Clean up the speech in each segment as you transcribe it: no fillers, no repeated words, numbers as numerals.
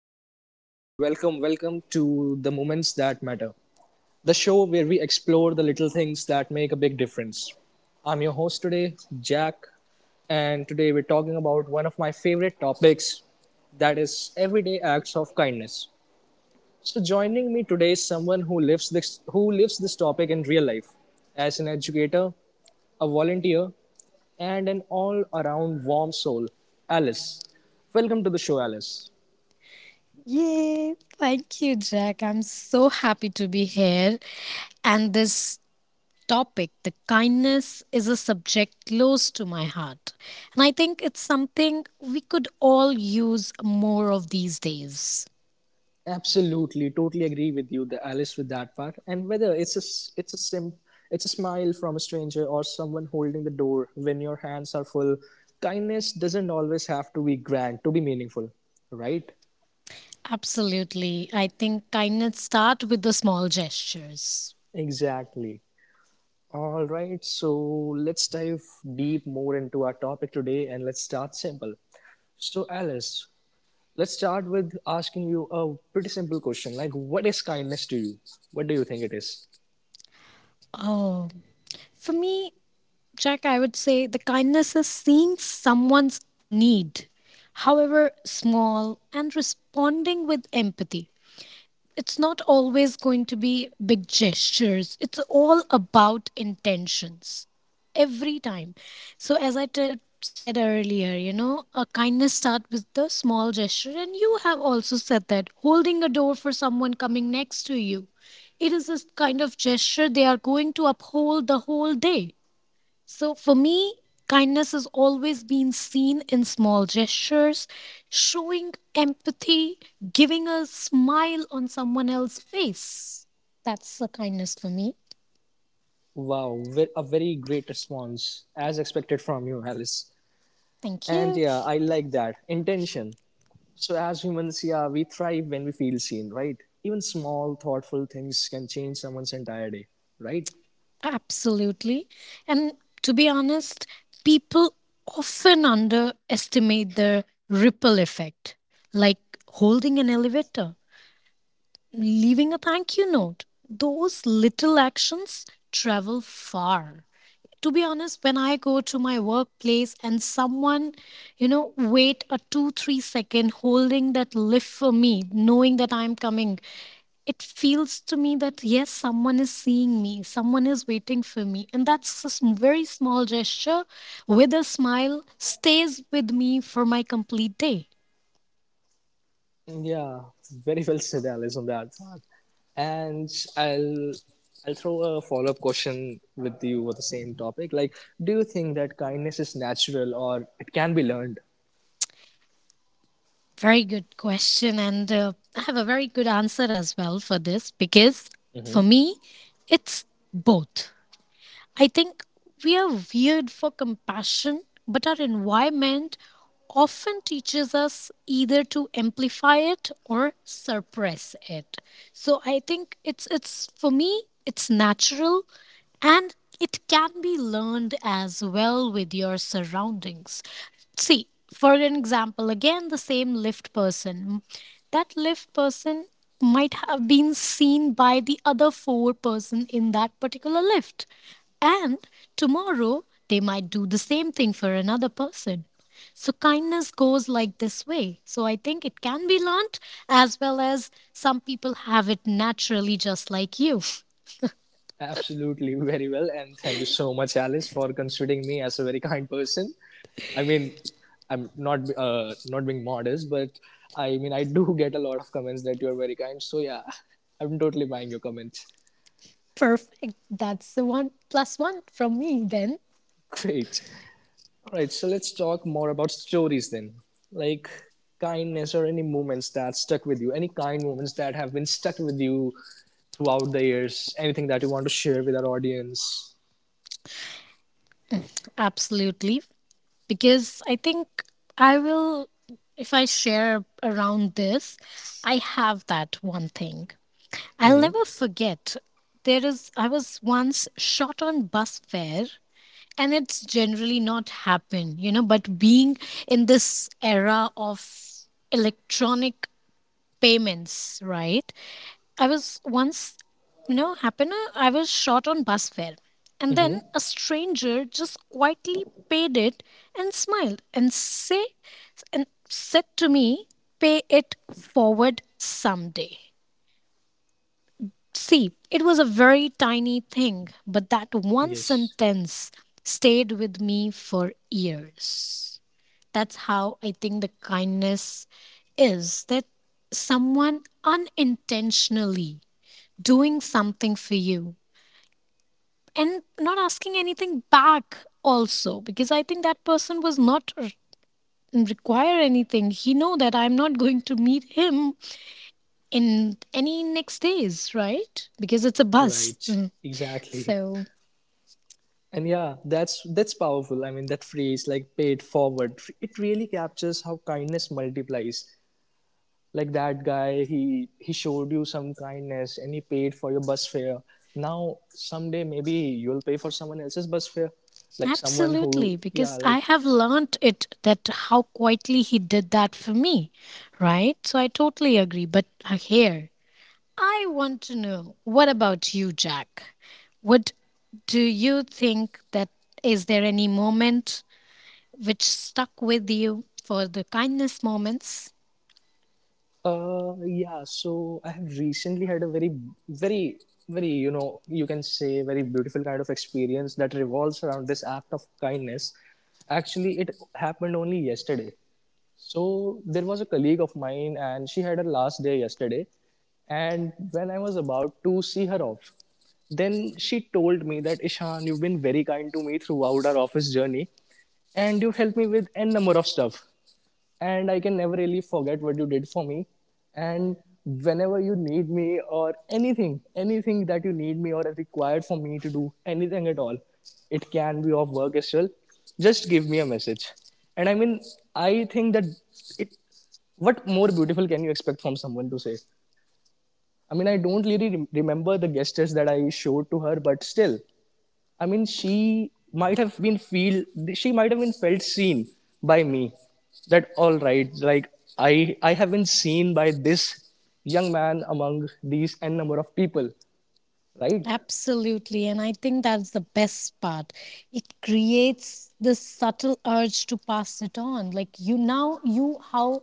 everyone, and welcome to the Moments That Matter, the show where we explore the little things that make a big difference. I'm your host today, Jack, and today we're talking about one of my favorite topics that is everyday acts of kindness. So joining me today is someone who lives this topic in real life as an educator, a volunteer, and an all-around warm soul, Alice. Welcome to the show, Alice. Yay! Thank you, Jack. I'm so happy to be here. And this topic, the kindness, is a subject close to my heart. And I think it's something we could all use more of these days. Absolutely, totally agree with you, the Alice, with that part. And whether it's a smile from a stranger or someone holding the door when your hands are full. Kindness doesn't always have to be grand to be meaningful, right? Absolutely. I think kindness start with the small gestures. Exactly. All right, so let's dive deep more into our topic today, and let's start simple. So, Alice, let's start with asking you a pretty simple question, like what is kindness to you? What do you think it is? Oh, for me, Jack, I would say the kindness is seeing someone's need, however small, and responding with empathy. It's not always going to be big gestures. It's all about intentions every time. So, as I said earlier, a kindness start with the small gesture, and you have also said that holding a door for someone coming next to you. It is this kind of gesture they are going to uphold the whole day. So for me, kindness has always been seen in small gestures, showing empathy, giving a smile on someone else's face. That's a kindness for me. Wow, a very great response, as expected from you, Alice. Thank And you. yeah, I like that. Intention. So, as humans, yeah, we thrive when we feel seen, right? Even small, thoughtful things can change someone's entire day, right? Absolutely. And to be honest, people often underestimate the ripple effect, like holding an elevator, leaving a thank you note. Those little actions travel far. To be honest, when I go to my workplace and someone, you know wait a 2 3-second holding that lift for me, knowing that I'm coming, it feels to me that yes, someone is seeing me, someone is waiting for me, and that's a very small gesture with a smile stays with me for my complete day. Yeah, very well said, Alice, on that part. And I'll I'll throw a follow up question with you with the same topic. Like, do you think that kindness is natural or it can be learned? Very good question, and I have a very good answer as well for this, because for me it's both. I think we are weird for compassion, but our environment often teaches us either to amplify it or suppress it. So I think it's for me it's natural, and it can be learned as well with your surroundings. See, for an example, again the same lift person. That lift person might have been seen by the other four person in that particular lift, and tomorrow they might do the same thing for another person. So kindness goes like this way. So I think it can be learnt as well, as some people have it naturally just like you. Absolutely, very well. And thank you so much, Alice, for considering me as a very kind person. I mean, I'm not being modest, but I mean, I do get a lot of comments that you are very kind. So yeah, I'm totally buying your comment. Perfect. That's the one plus one from me then. Great. All right, so let's talk more about stories then. Like kindness or any moments that stuck with you, any kind moments that have been stuck with you throughout the years, anything that you want to share with our audience. Absolutely. Because I think I will, if I share around this, I have that one thing. I'll never forget, there is, I was once short on bus fare, and it's generally not happen, but being in this era of electronic payments, right, I was once, happen, I was short on bus fare, and then Hmm. a stranger just quietly paid it, and smiled, and say and said to me, "Pay it forward someday." See, it was a very tiny thing, but that one Yes, sentence stayed with me for years. That's how I think the kindness is, that someone unintentionally doing something for you and not asking anything back also, because I think that person was not require anything. He know that I'm not going to meet him in any next days, right, because it's a bus. right. Mm. Exactly. So. And yeah, that's powerful. I mean, that phrase like "pay it forward," it really captures how kindness multiplies. Like that guy, he showed you some kindness and he paid for your bus fare. Now someday maybe you'll pay for someone else's bus fare. Like someone Absolutely, who, yeah, because I like have learnt it that how quietly he did that for me, right? So I totally agree. But here, I want to know what about you, Jack? What do you think, that is there any moment which stuck with you for the kindness moments? Yeah. So I have recently had a very, very, you know, you can say very beautiful kind of experience that revolves around this act of kindness. Actually, it happened only yesterday. So there was a colleague of mine, and she had her last day yesterday. And when I was about to see her off, then she told me that Ishan, you've been very kind to me throughout our office journey, and you've helped me with n number of stuff and I can never really forget what you did for me. And whenever you need me or anything, anything that you need me or is required for me to do anything at all, it can be of work as well. Just give me a message. And I mean, I think that it. What more beautiful can you expect from someone to say? I mean, I don't really remember the gestures that I showed to her, but still, I mean, she might have been felt seen by me. That all right, like I have been seen by this young man among these n number of people, right? Absolutely, and I think that's the best part. It creates this subtle urge to pass it on. Like you now, you how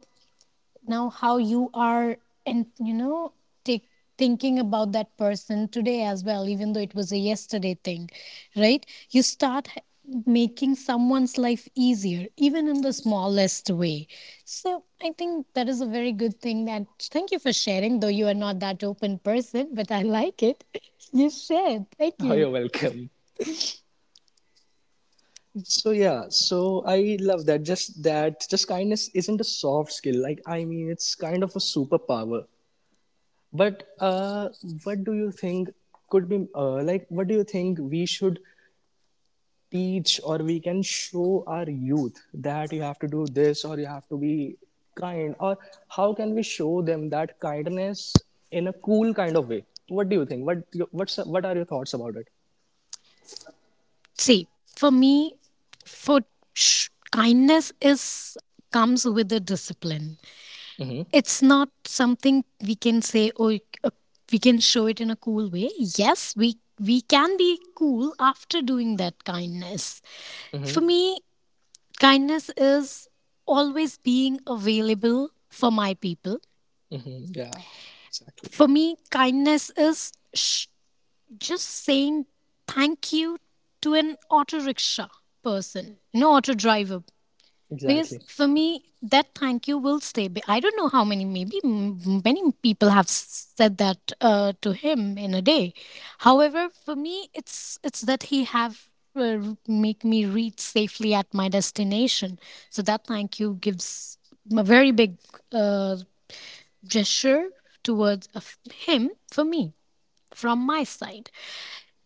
now how you are, and take thinking about that person today as well, even though it was a yesterday thing, right? You start making someone's life easier even in the smallest way. So I think that is a very good thing that. Thank you for sharing, though you are not that open person, but I like it. You shared, thank Oh, you. you're welcome. So yeah, so I love that. Just kindness isn't a soft skill. Like I mean, it's kind of a superpower. But what do you think could be like? What do you think we should teach or we can show our youth that you have to do this or you have to be kind or how can we show them that kindness in a cool kind of way what do you think what's what are your thoughts about it? See, for me, for kindness is comes with a discipline. It's not something we can say, oh, we can show it in a cool way. Yes, we can be cool after doing that kindness. For me kindness is always being available for my people. Hmm. Yeah. Exactly. For me kindness is just saying thank you to an auto rickshaw person, no, auto driver. Because Exactly. for me that thank you will stay I don't know how many, maybe many people have said that, to him in a day. However, for me it's that he have, make me reach safely at my destination. So that thank you gives a very big, uh, gesture towards of him, for me, from my side.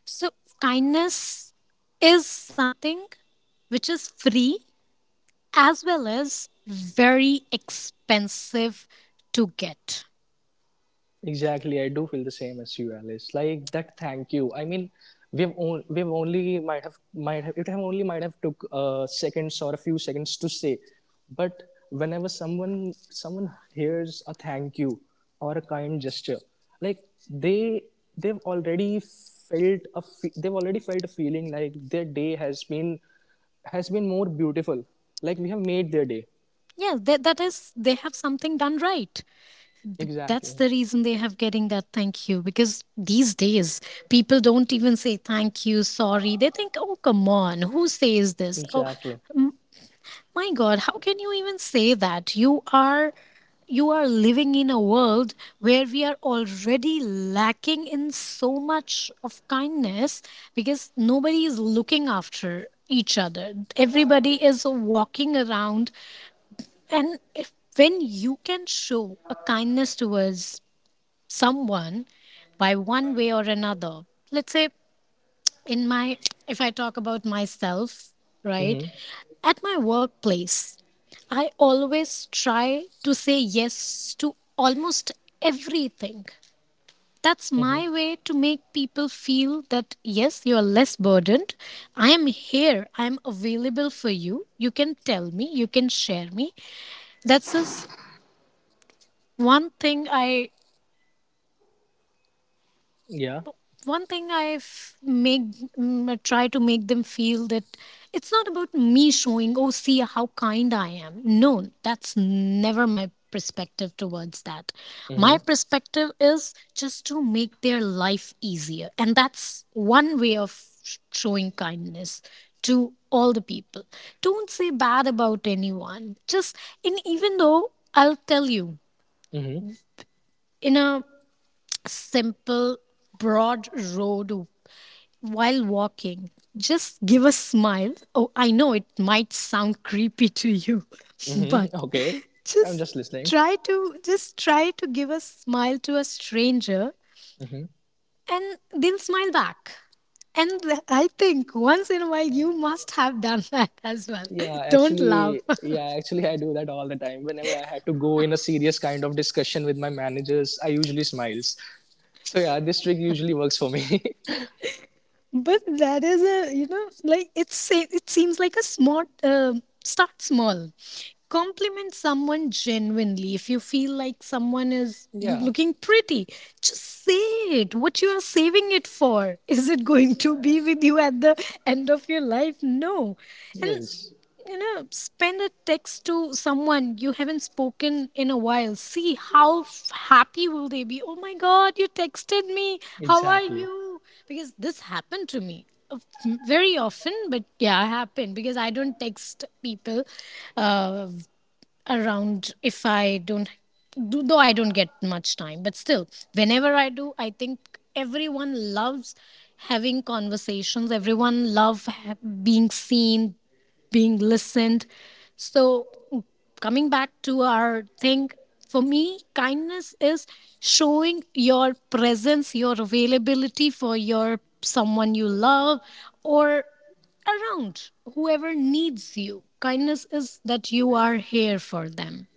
So kindness is something which is free, as well as very expensive to get. Exactly, I do feel the same as you, Alice. Like that, thank you. I mean, we've on, we've only might have it have only might have took seconds or a few seconds to say, but whenever someone hears a thank you or a kind gesture, like they they've already felt a feeling like their day has been more beautiful. Like we have made their day. Yeah, that is, they have something done right. That's Exactly. the reason they have getting that thank you, because these days people don't even say thank you, sorry. They think, oh, come on, who says this? Oh, Exactly. m- my God, how can you even say that? You are living in a world where we are already lacking in so much of kindness, because nobody is looking after each other. Everybody is walking around, and if, when you can show a kindness towards someone by one way or another. Let's say in my, if I talk about myself, right? Mm-hmm. At my workplace, I always try to say yes to almost everything. That's my way to make people feel that yes, you're less burdened. I am here. I'm available for you. You can tell me. You can share me. That's just one thing I Yeah. one thing I've try to make them feel that it's not about me showing, oh, see how kind I am. No, that's never my perspective towards that. My perspective is just to make their life easier, and that's one way of showing kindness to all the people. Don't say bad about anyone. Just in, even though I'll tell you, Mm-hmm. in a simple broad road while walking. Just give a smile. Oh, I know it might sound creepy to you, but Mm-hmm. Okay, I'm just just listening. Just try to give a smile to a stranger and they'll smile back. And I think once in a while you must have done that as well. Don't laugh. Yeah, actually, I do that all the time. Whenever I had to go in a serious kind of discussion with my managers, I usually smiles. So yeah, this trick usually works for me. But that is a, like it seems like a smart start small compliment someone genuinely, if you feel like someone is yeah. looking pretty, just say it. What you are saving it for? Is it going to be with you at the end of your life? No. And Yes. Spend a text to someone you haven't spoken in a while. See how happy will they be? Oh my God, you texted me, how are Exactly. you? Because this happened to me, uh, very often. But yeah, happened, because I don't text people, uh, around, if I don't. Though I don't get much time, but still, whenever I do, I think everyone loves having conversations. Everyone love being seen, being listened. So coming back to our thing, for me, kindness is showing your presence, your availability for your someone you love, or around whoever needs you. Kindness is that you are here for them.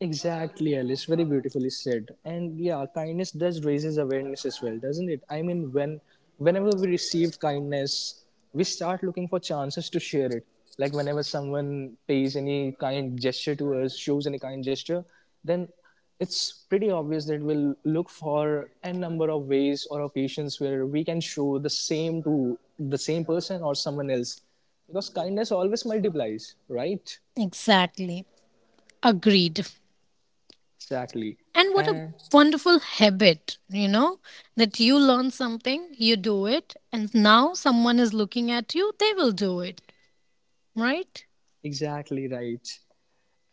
Exactly, Alice. Very beautifully said. And yeah, kindness does raises awareness as well, doesn't it? I mean, whenever we receive kindness, we start looking for chances to share it. Like whenever someone pays any kind gesture to us, shows any kind gesture, then it's pretty obvious that we'll look for a number of ways or occasions where we can show the same to the same person or someone else because kindness always multiplies, right? Exactly. Agreed. Exactly And what a and wonderful habit, that you learn something, you do it, and now someone is looking at you, they will do it, right? exactly right.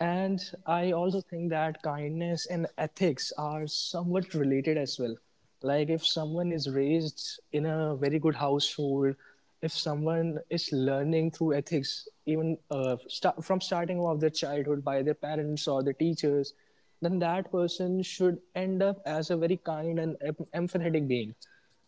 And I also think that kindness and ethics are somewhat related as well. Like if someone is raised in a very good household, if someone is learning through ethics, even from starting off their childhood by their parents or their teachers, then that person should end up as a very kind and empathetic being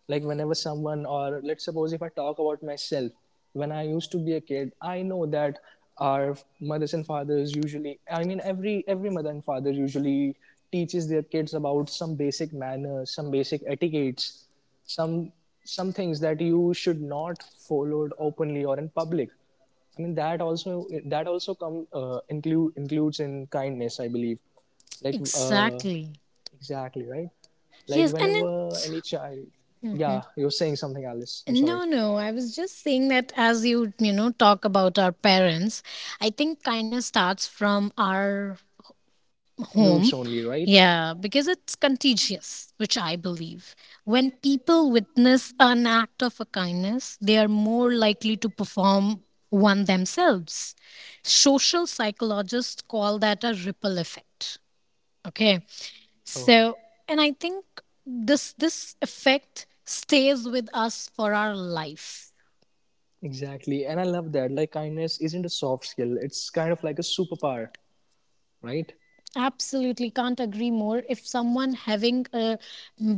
like whenever someone or let's suppose if I talk about myself, when I used to be a kid I know that our mothers and fathers usually I mean every mother and father usually teaches their kids about some basic manners, some basic etiquettes, some some things that you should not follow openly or in public. I mean that also come include includes in kindness I believe. like uh, Exactly. Exactly, right? Like Yes, and whenever it's. any child. Yeah, Mhm. you're saying something, Alice. I'm sorry. No, no, I was just saying that as you, talk about our parents, I think kindness starts from our Roots home. only, right? Yeah, because it's contagious, which I believe. When people witness an act of a kindness, they are more likely to perform one themselves. Social psychologists call that a ripple effect. Okay. Oh, So, and I think this effect stays with us for our life. exactly. And I love that. Like, kindness isn't a soft skill, it's kind of like a superpower, right? Absolutely, can't agree more. If someone having a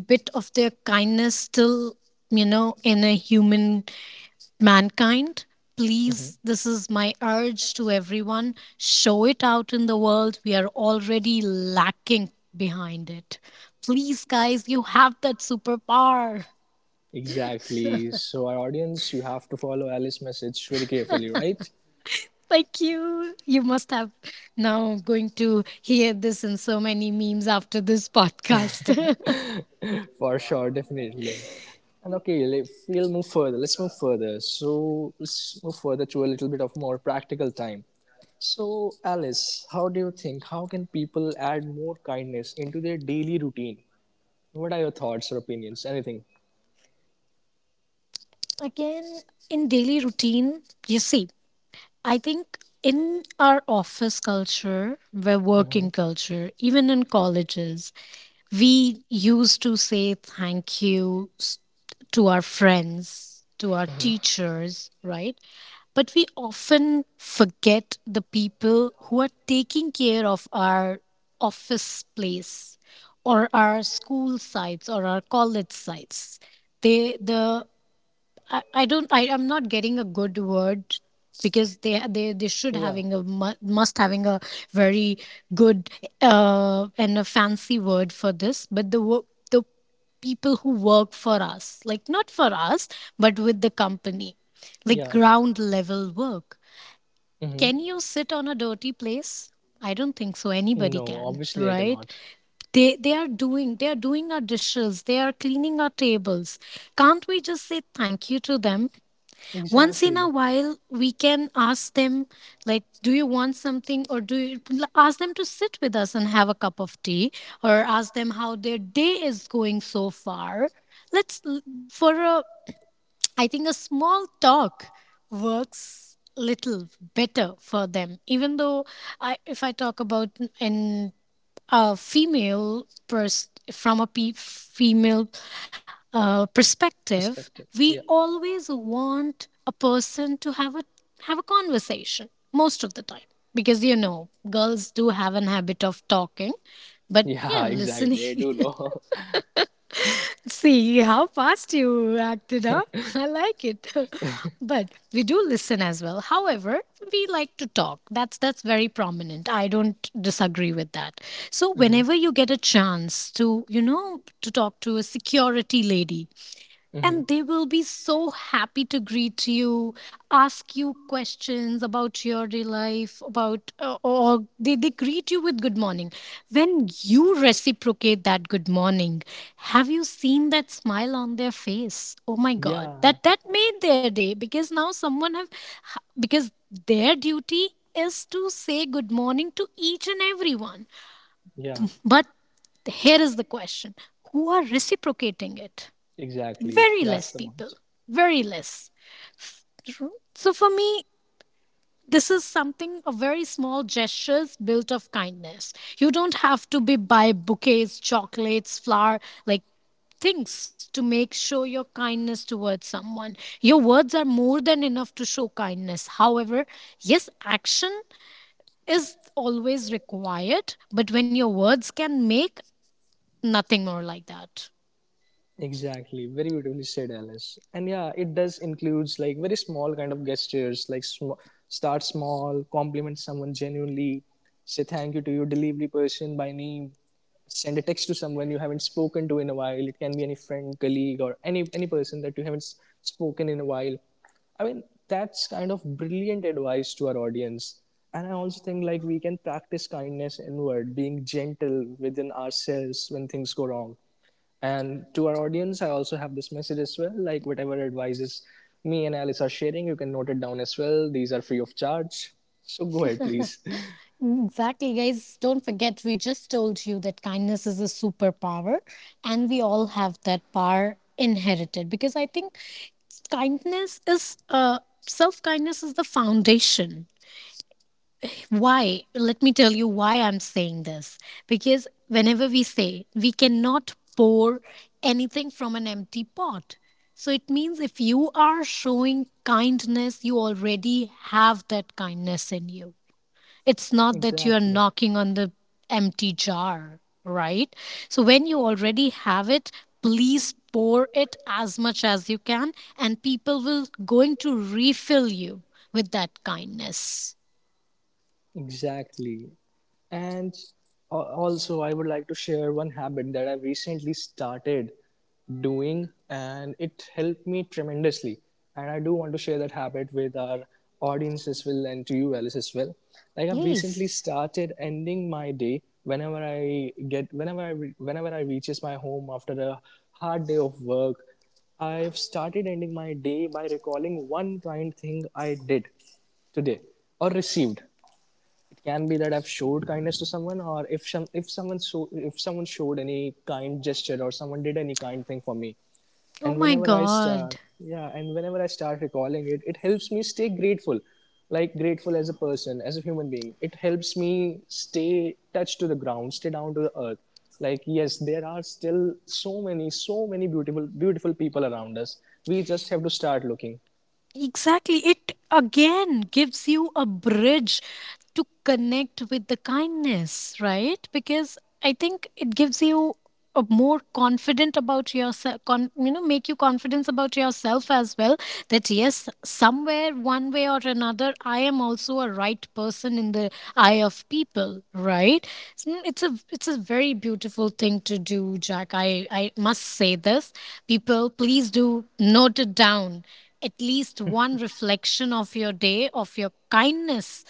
bit of their kindness still, in a human mankind, please, this is my urge to everyone, show it out in the world, we are already lacking behind it. Please guys, you have that superpower. Exactly. So, our audience, you have to follow Alice's message very carefully, right? Thank you. You must have now going to hear this in so many memes after this podcast. For sure, definitely. And okay, we'll move further. Let's move further. So let's move further to a little bit of more practical time. So Alice, how do you think? How can people add more kindness into their daily routine? What are your thoughts or opinions? Anything? Again, in daily routine, you see, I think, in our office culture, where working culture, even in colleges, we used to say thank you to our friends, to our teachers, right? But we often forget the people who are taking care of our office place, or our school sites, or our college sites. They the I don't I am not getting a good word because they should Yeah, having a must having a very good and a fancy word for this but the the people who work for us, like not for us but with the company, like yeah. ground level work. Mm-hmm. Can you sit on a dirty place? I don't think so anybody No, can, obviously I right? cannot. They are doing, they are doing our dishes, they are cleaning our tables. Can't we just say thank you to them? Once in a Exactly. while we can ask them, like do you want something, or do you ask them to sit with us and have a cup of tea, or ask them how their day is going so far. Let's l- for a I think a small talk works little better for them. Even though I if I talk about in a female pers- from a pe- female perspective, Perspective. we Yeah. always want a person to have a conversation most of the time, because, you know, girls do have an habit of talking, but yeah, Yeah, listening. exactly. I do know. See how fast you acted, up. I like it. But we do listen as well. However, we like to talk. That's very prominent. I don't disagree with that. So whenever you get a chance to, you know, to talk to a security lady, mm-hmm. and they will be so happy to greet you, ask you questions about your day life about or they greet you with good morning. When you reciprocate that good morning, have you seen that smile on their face? Oh my god, Yeah, that made their day, because now someone have, because their duty is to say good morning to each and everyone. yeah. But here is the question: who are reciprocating it? Exactly. Very less That's the people, point. very less. So for me, this is something, a very small gestures built of kindness. You don't have to be buy bouquets, chocolates, flower, like things to make show your kindness towards someone. Your words are more than enough to show kindness. However, yes, action is always required, but when your words can make, nothing more like that. Exactly. Very beautifully said, Alice. And yeah, it does includes like very small kind of gestures, like start small, compliment someone genuinely, say thank you to your delivery person by name, send a text to someone you haven't spoken to in a while. It can be any friend, colleague, or any person that you haven't spoken in a while. I mean, that's kind of brilliant advice to our audience. And I also think like we can practice kindness inward, being gentle within ourselves when things go wrong and to our audience, I also have this message as well. Like whatever advices me and Alice are sharing, you can note it down as well. These are free of charge. So go ahead, please. Mm, exactly, guys. Don't forget, we just told you that kindness is a superpower, and we all have that power inherited, because I think kindness is self kindness is the foundation. Why? Let me tell you why I'm saying this. Because whenever we say, we cannot pour anything from an empty pot. So it means if you are showing kindness, you already have that kindness in you. It's not that you're exactly. knocking on the empty jar, right? So when you already have it, please pour it as much as you can, and people will going to refill you with that kindness. Exactly. And also, I would like to share one habit that I've recently started doing, and it helped me tremendously. And I do want to share that habit with our audience as well and to you, Alice, as well. Like I've Please. recently started ending my day whenever I get whenever I re- whenever I reaches my home after a hard day of work. I've started ending my day by recalling one kind thing I did today or received. Can be that I've showed kindness to someone, or if some if someone so if someone showed any kind gesture or someone did any kind thing for me, Oh my god. And whenever I start recalling it, it helps me stay grateful, like grateful as a person, as a human being. It helps me stay touched to the ground, stay down to the earth. Like yes, there are still so many so many beautiful beautiful people around us. We just have to start looking. Exactly. It again gives you a bridge to connect with the kindness, right? Because I think it gives you a more confident about yourself, you know, make you confidence about yourself as well. That yes, somewhere, one way or another, I am also a right person in the eye of people, right? So, mm, it's a very beautiful thing to do, Jack. I must say this. People, please do note it down at least one reflection of your day, of your kindness,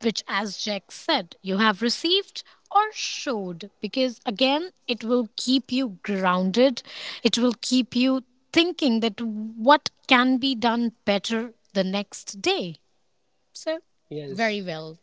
which, as Jack said, you have received or showed. Because again, it will keep you grounded, it will keep you thinking that what can be done better the next day. So, very Yes. well,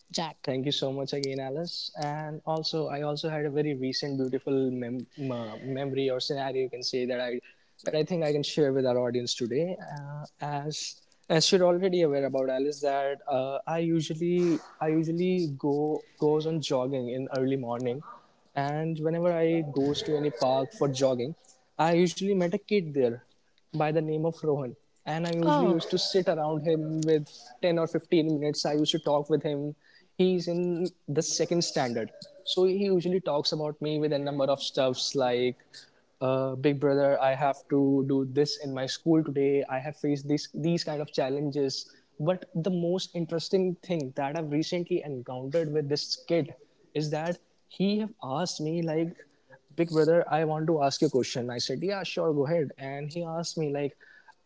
Jack. Thank you so much again, Alice. And also, I also had a very recent, beautiful memory or scenario, you can say that I think I can share with our audience today. As as you're already aware about Alice, that I usually go goes on jogging in early morning, and whenever I goes to any park for jogging, I usually met a kid there by the name of Rohan. And I usually Oh, used to sit around him with 10 or 15 minutes. I used to talk with him. He's in the second standard. So he usually talks about me with a number of stuffs like, big brother, I have to do this in my school today. I have faced this these kind of challenges. But the most interesting thing that I've recently encountered with this kid is that he have asked me like, big brother, I want to ask you a question. I said, yeah, sure, go ahead. And he asked me like,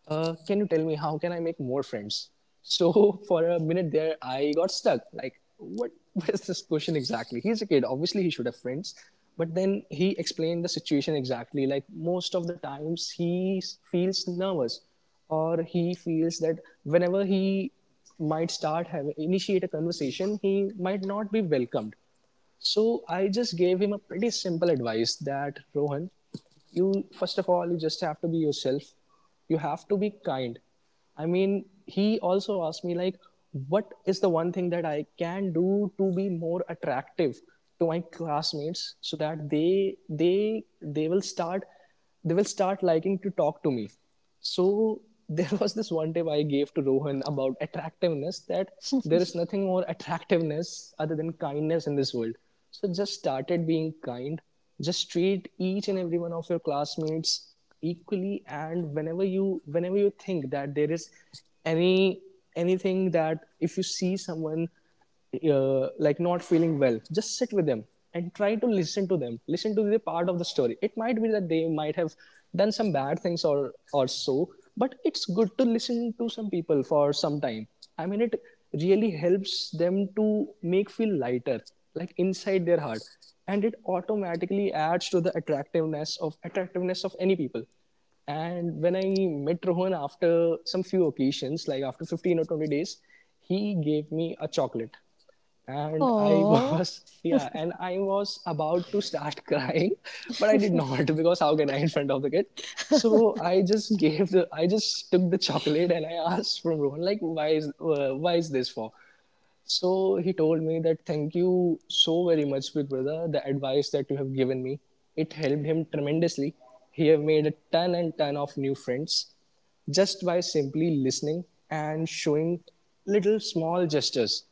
can you tell me how can I make more friends? So for a minute there I got stuck like what was this question exactly? He's a kid, obviously he should have friends. But then he explained the situation exactly, like most of the times he feels nervous, or he feels that whenever he might start having initiate a conversation, he might not be welcomed. So I just gave him a pretty simple advice that, Rohan, you first of all you just have to be yourself. You have to be kind. I mean, he also asked me like, what is the one thing that I can do to be more attractive to my classmates so that they they will start, they will start liking to talk to me. So there was this one tip I gave to Rohan about attractiveness, that there is nothing more attractiveness other than kindness in this world. So just started being kind. Just treat each and every one of your classmates equally, and whenever you think that there is any anything, that if you see someone like not feeling well, just sit with them and try to listen to them, listen to the part of the story. It might be that they might have done some bad things, or so, but it's good to listen to some people for some time. I mean, it really helps them to make feel lighter, like inside their heart. And it automatically adds to the attractiveness of any people. And when I met Rohan after some few occasions, like after 15 or 20 days, he gave me a chocolate. And I oh. was, yeah, and I was about to start crying, but I did not because how can I in front of the kid? So I just gave the, I just took the chocolate and I asked from Rohan, like, why is this for? So he told me that, thank you so very much, big brother. The advice that you have given me, it helped him tremendously. He have made a ton and ton of new friends just by simply listening and showing little small gestures.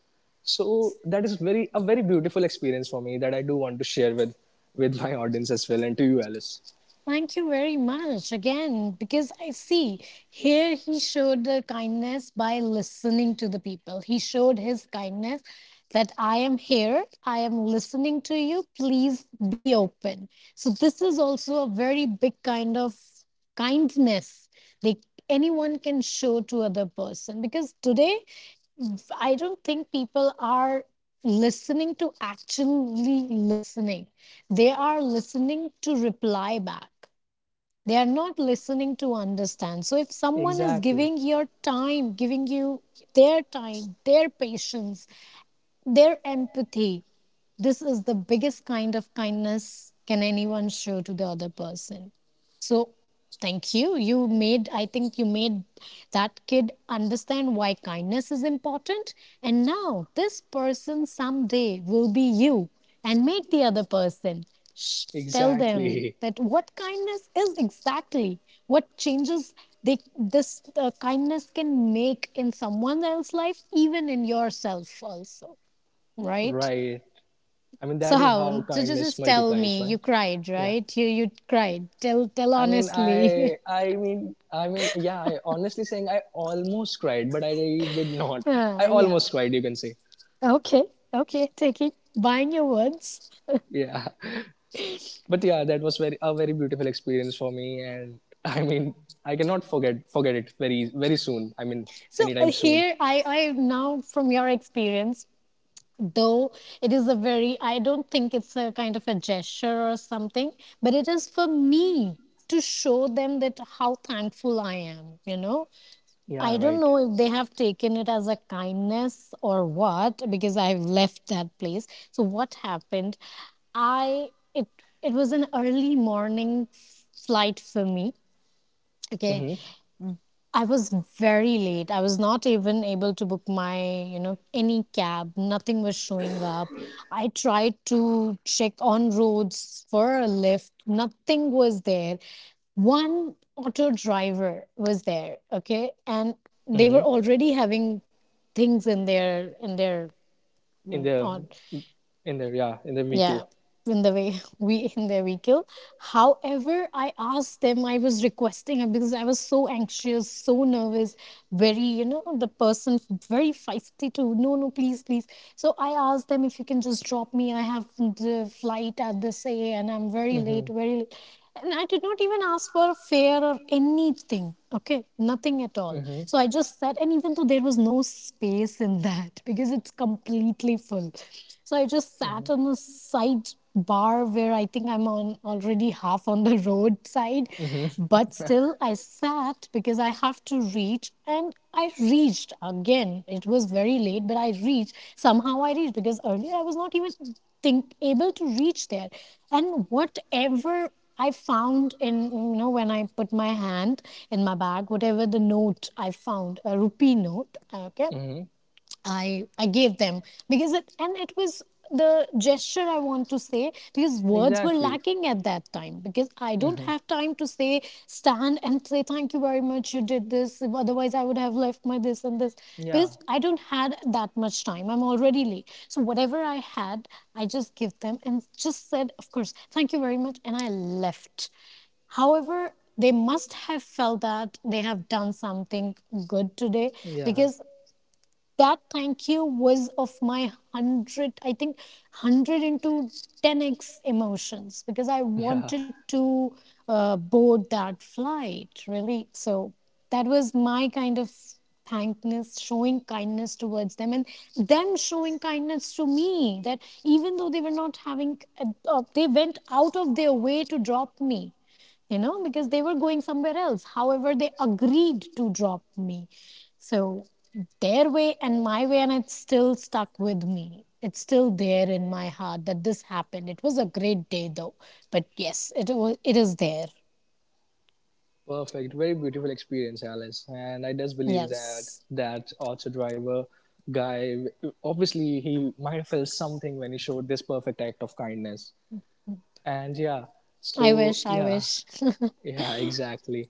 So that is very a very beautiful experience for me that I do want to share with my audience as well, and to you, Alice. Thank you very much again, because I see here he showed the kindness by listening to the people. He showed his kindness that I am here, I am listening to you, please be open. So, this is also a very big kind of kindness they anyone can show to other person. Because today I don't think people are listening, to actually listening. They are listening to reply back, they are not listening to understand. So if someone is Exactly. giving your time, giving you their time, their patience, their empathy. This is the biggest kind of kindness can anyone show to the other person. So thank you. You made I think you made that kid understand why kindness is important. And now this person someday will be you and make the other person. Shh, tell them Exactly. that what kindness is exactly, what changes they this kindness can make in someone else's life, even in yourself also, right? Right. I mean So that is how how? So just, kindness just tell multiplies, me. right? You cried, Yeah. right? You cried. Tell honestly. Yeah. I honestly saying, I almost cried, but I did not. I yeah. almost cried, you can say. Okay. Okay. Take it. Buying your words. Yeah, but yeah, that was very a very beautiful experience for me, and I mean, I cannot forget it very very soon. I mean, So anytime soon. here I now from your experience, though it is a very, I don't think it's a kind of a gesture or something, but it is for me to show them that how thankful I am. You know, I Yeah, don't right. know if they have taken it as a kindness or what, because I've left that place. So what happened? I, it it was an early morning flight for me. Okay. Mm-hmm. I was very late. I was not even able to book my, you know, any cab. Nothing was showing up. I tried to check on roads for a lift. Nothing was there. One auto driver was there, okay, and they were Mm-hmm. already having things in their In mm, the on yeah in the vehicle. yeah, in the way we in their vehicle. However, I asked them, I was requesting her, because I was so anxious, so nervous. Very, you know, the person very feisty too. No, no, please, please. So I asked them, if you can just drop me, I have the flight at this a and I'm very late, very late. And I did not even ask for a fare or anything, okay, nothing at all. So I just said, and even though there was no space in that, because it's completely full, so I just sat on the side bar, where I think I'm on already half on the roadside, but still I sat, because I have to reach. And I reached again. It was very late, but I reached. Somehow I reached, because earlier I was not even think able to reach there. And whatever I found in, you know, when I put my hand in my bag, whatever the note I found, a rupee note, okay, Mm-hmm. I gave them, because it, and it was the gesture I want to say, because words were Exactly. lacking at that time, because I don't have time to say, stand and say thank you very much, you did this, otherwise I would have left my this and this, Yeah. because I don't had that much time, I'm already late, so whatever I had, I just give them and just said, of course, thank you very much, and I left. However, they must have felt that they have done something good today. Yeah. Because that thank you was of my 100, I think 100 into 10x emotions, because I Yeah. wanted to board that flight, really. So that was my kind of thankness, showing kindness towards them, and them showing kindness to me, that even though they were not having they went out of their way to drop me, you know, because they were going somewhere else, however they agreed to drop me. So their way and my way, and it's still stuck with me, it's still there in my heart, that this happened. It was a great day though, but yes, it was, it is there. Perfect. Very beautiful experience, Alice. And I just believe Yes. that auto driver guy, obviously, he might have felt something when he showed this perfect act of kindness. And yeah, i so wish i yeah, wish yeah, exactly.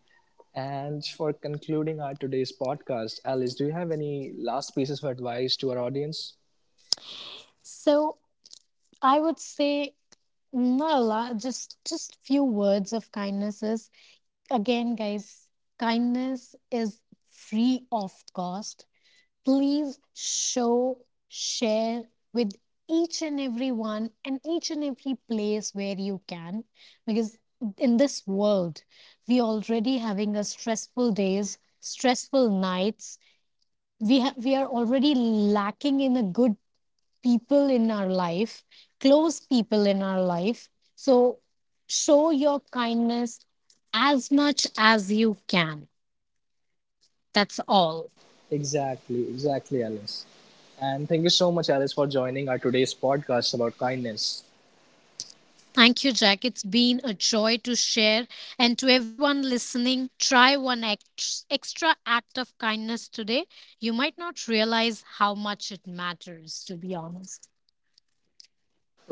And for concluding our today's podcast, Alice, do you have any last pieces of advice to our audience? So I would say, not a lot, just few words of kindnesses. Again, guys, kindness is free of cost. Please show, share with each and every one and each and every place where you can, because in this world, we already having a stressful days, stressful nights. We are already lacking in a good people in our life, close people in our life. So show your kindness as much as you can. That's all. Exactly, exactly, Alice. And thank you so much, Alice, for joining our today's podcast about kindness. Thank you, Jack. It's been a joy to share. And to everyone listening, try one extra act of kindness today. You might not realize how much it matters, to be honest.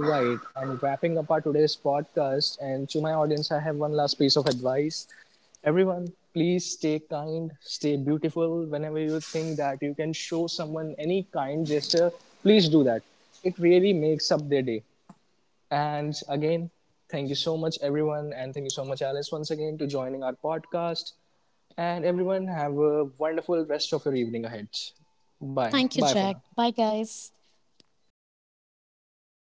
Right. And wrapping up our today's podcast, and to my audience, I have one last piece of advice. Everyone, please stay kind, stay beautiful. Whenever you think that you can show someone any kind gesture, please do that. It really makes up their day. And again, thank you so much, everyone. And thank you so much, Alice, once again, to joining our podcast. And everyone, have a wonderful rest of your evening ahead. Bye. Thank you, Bye for Jack. now. Bye, guys.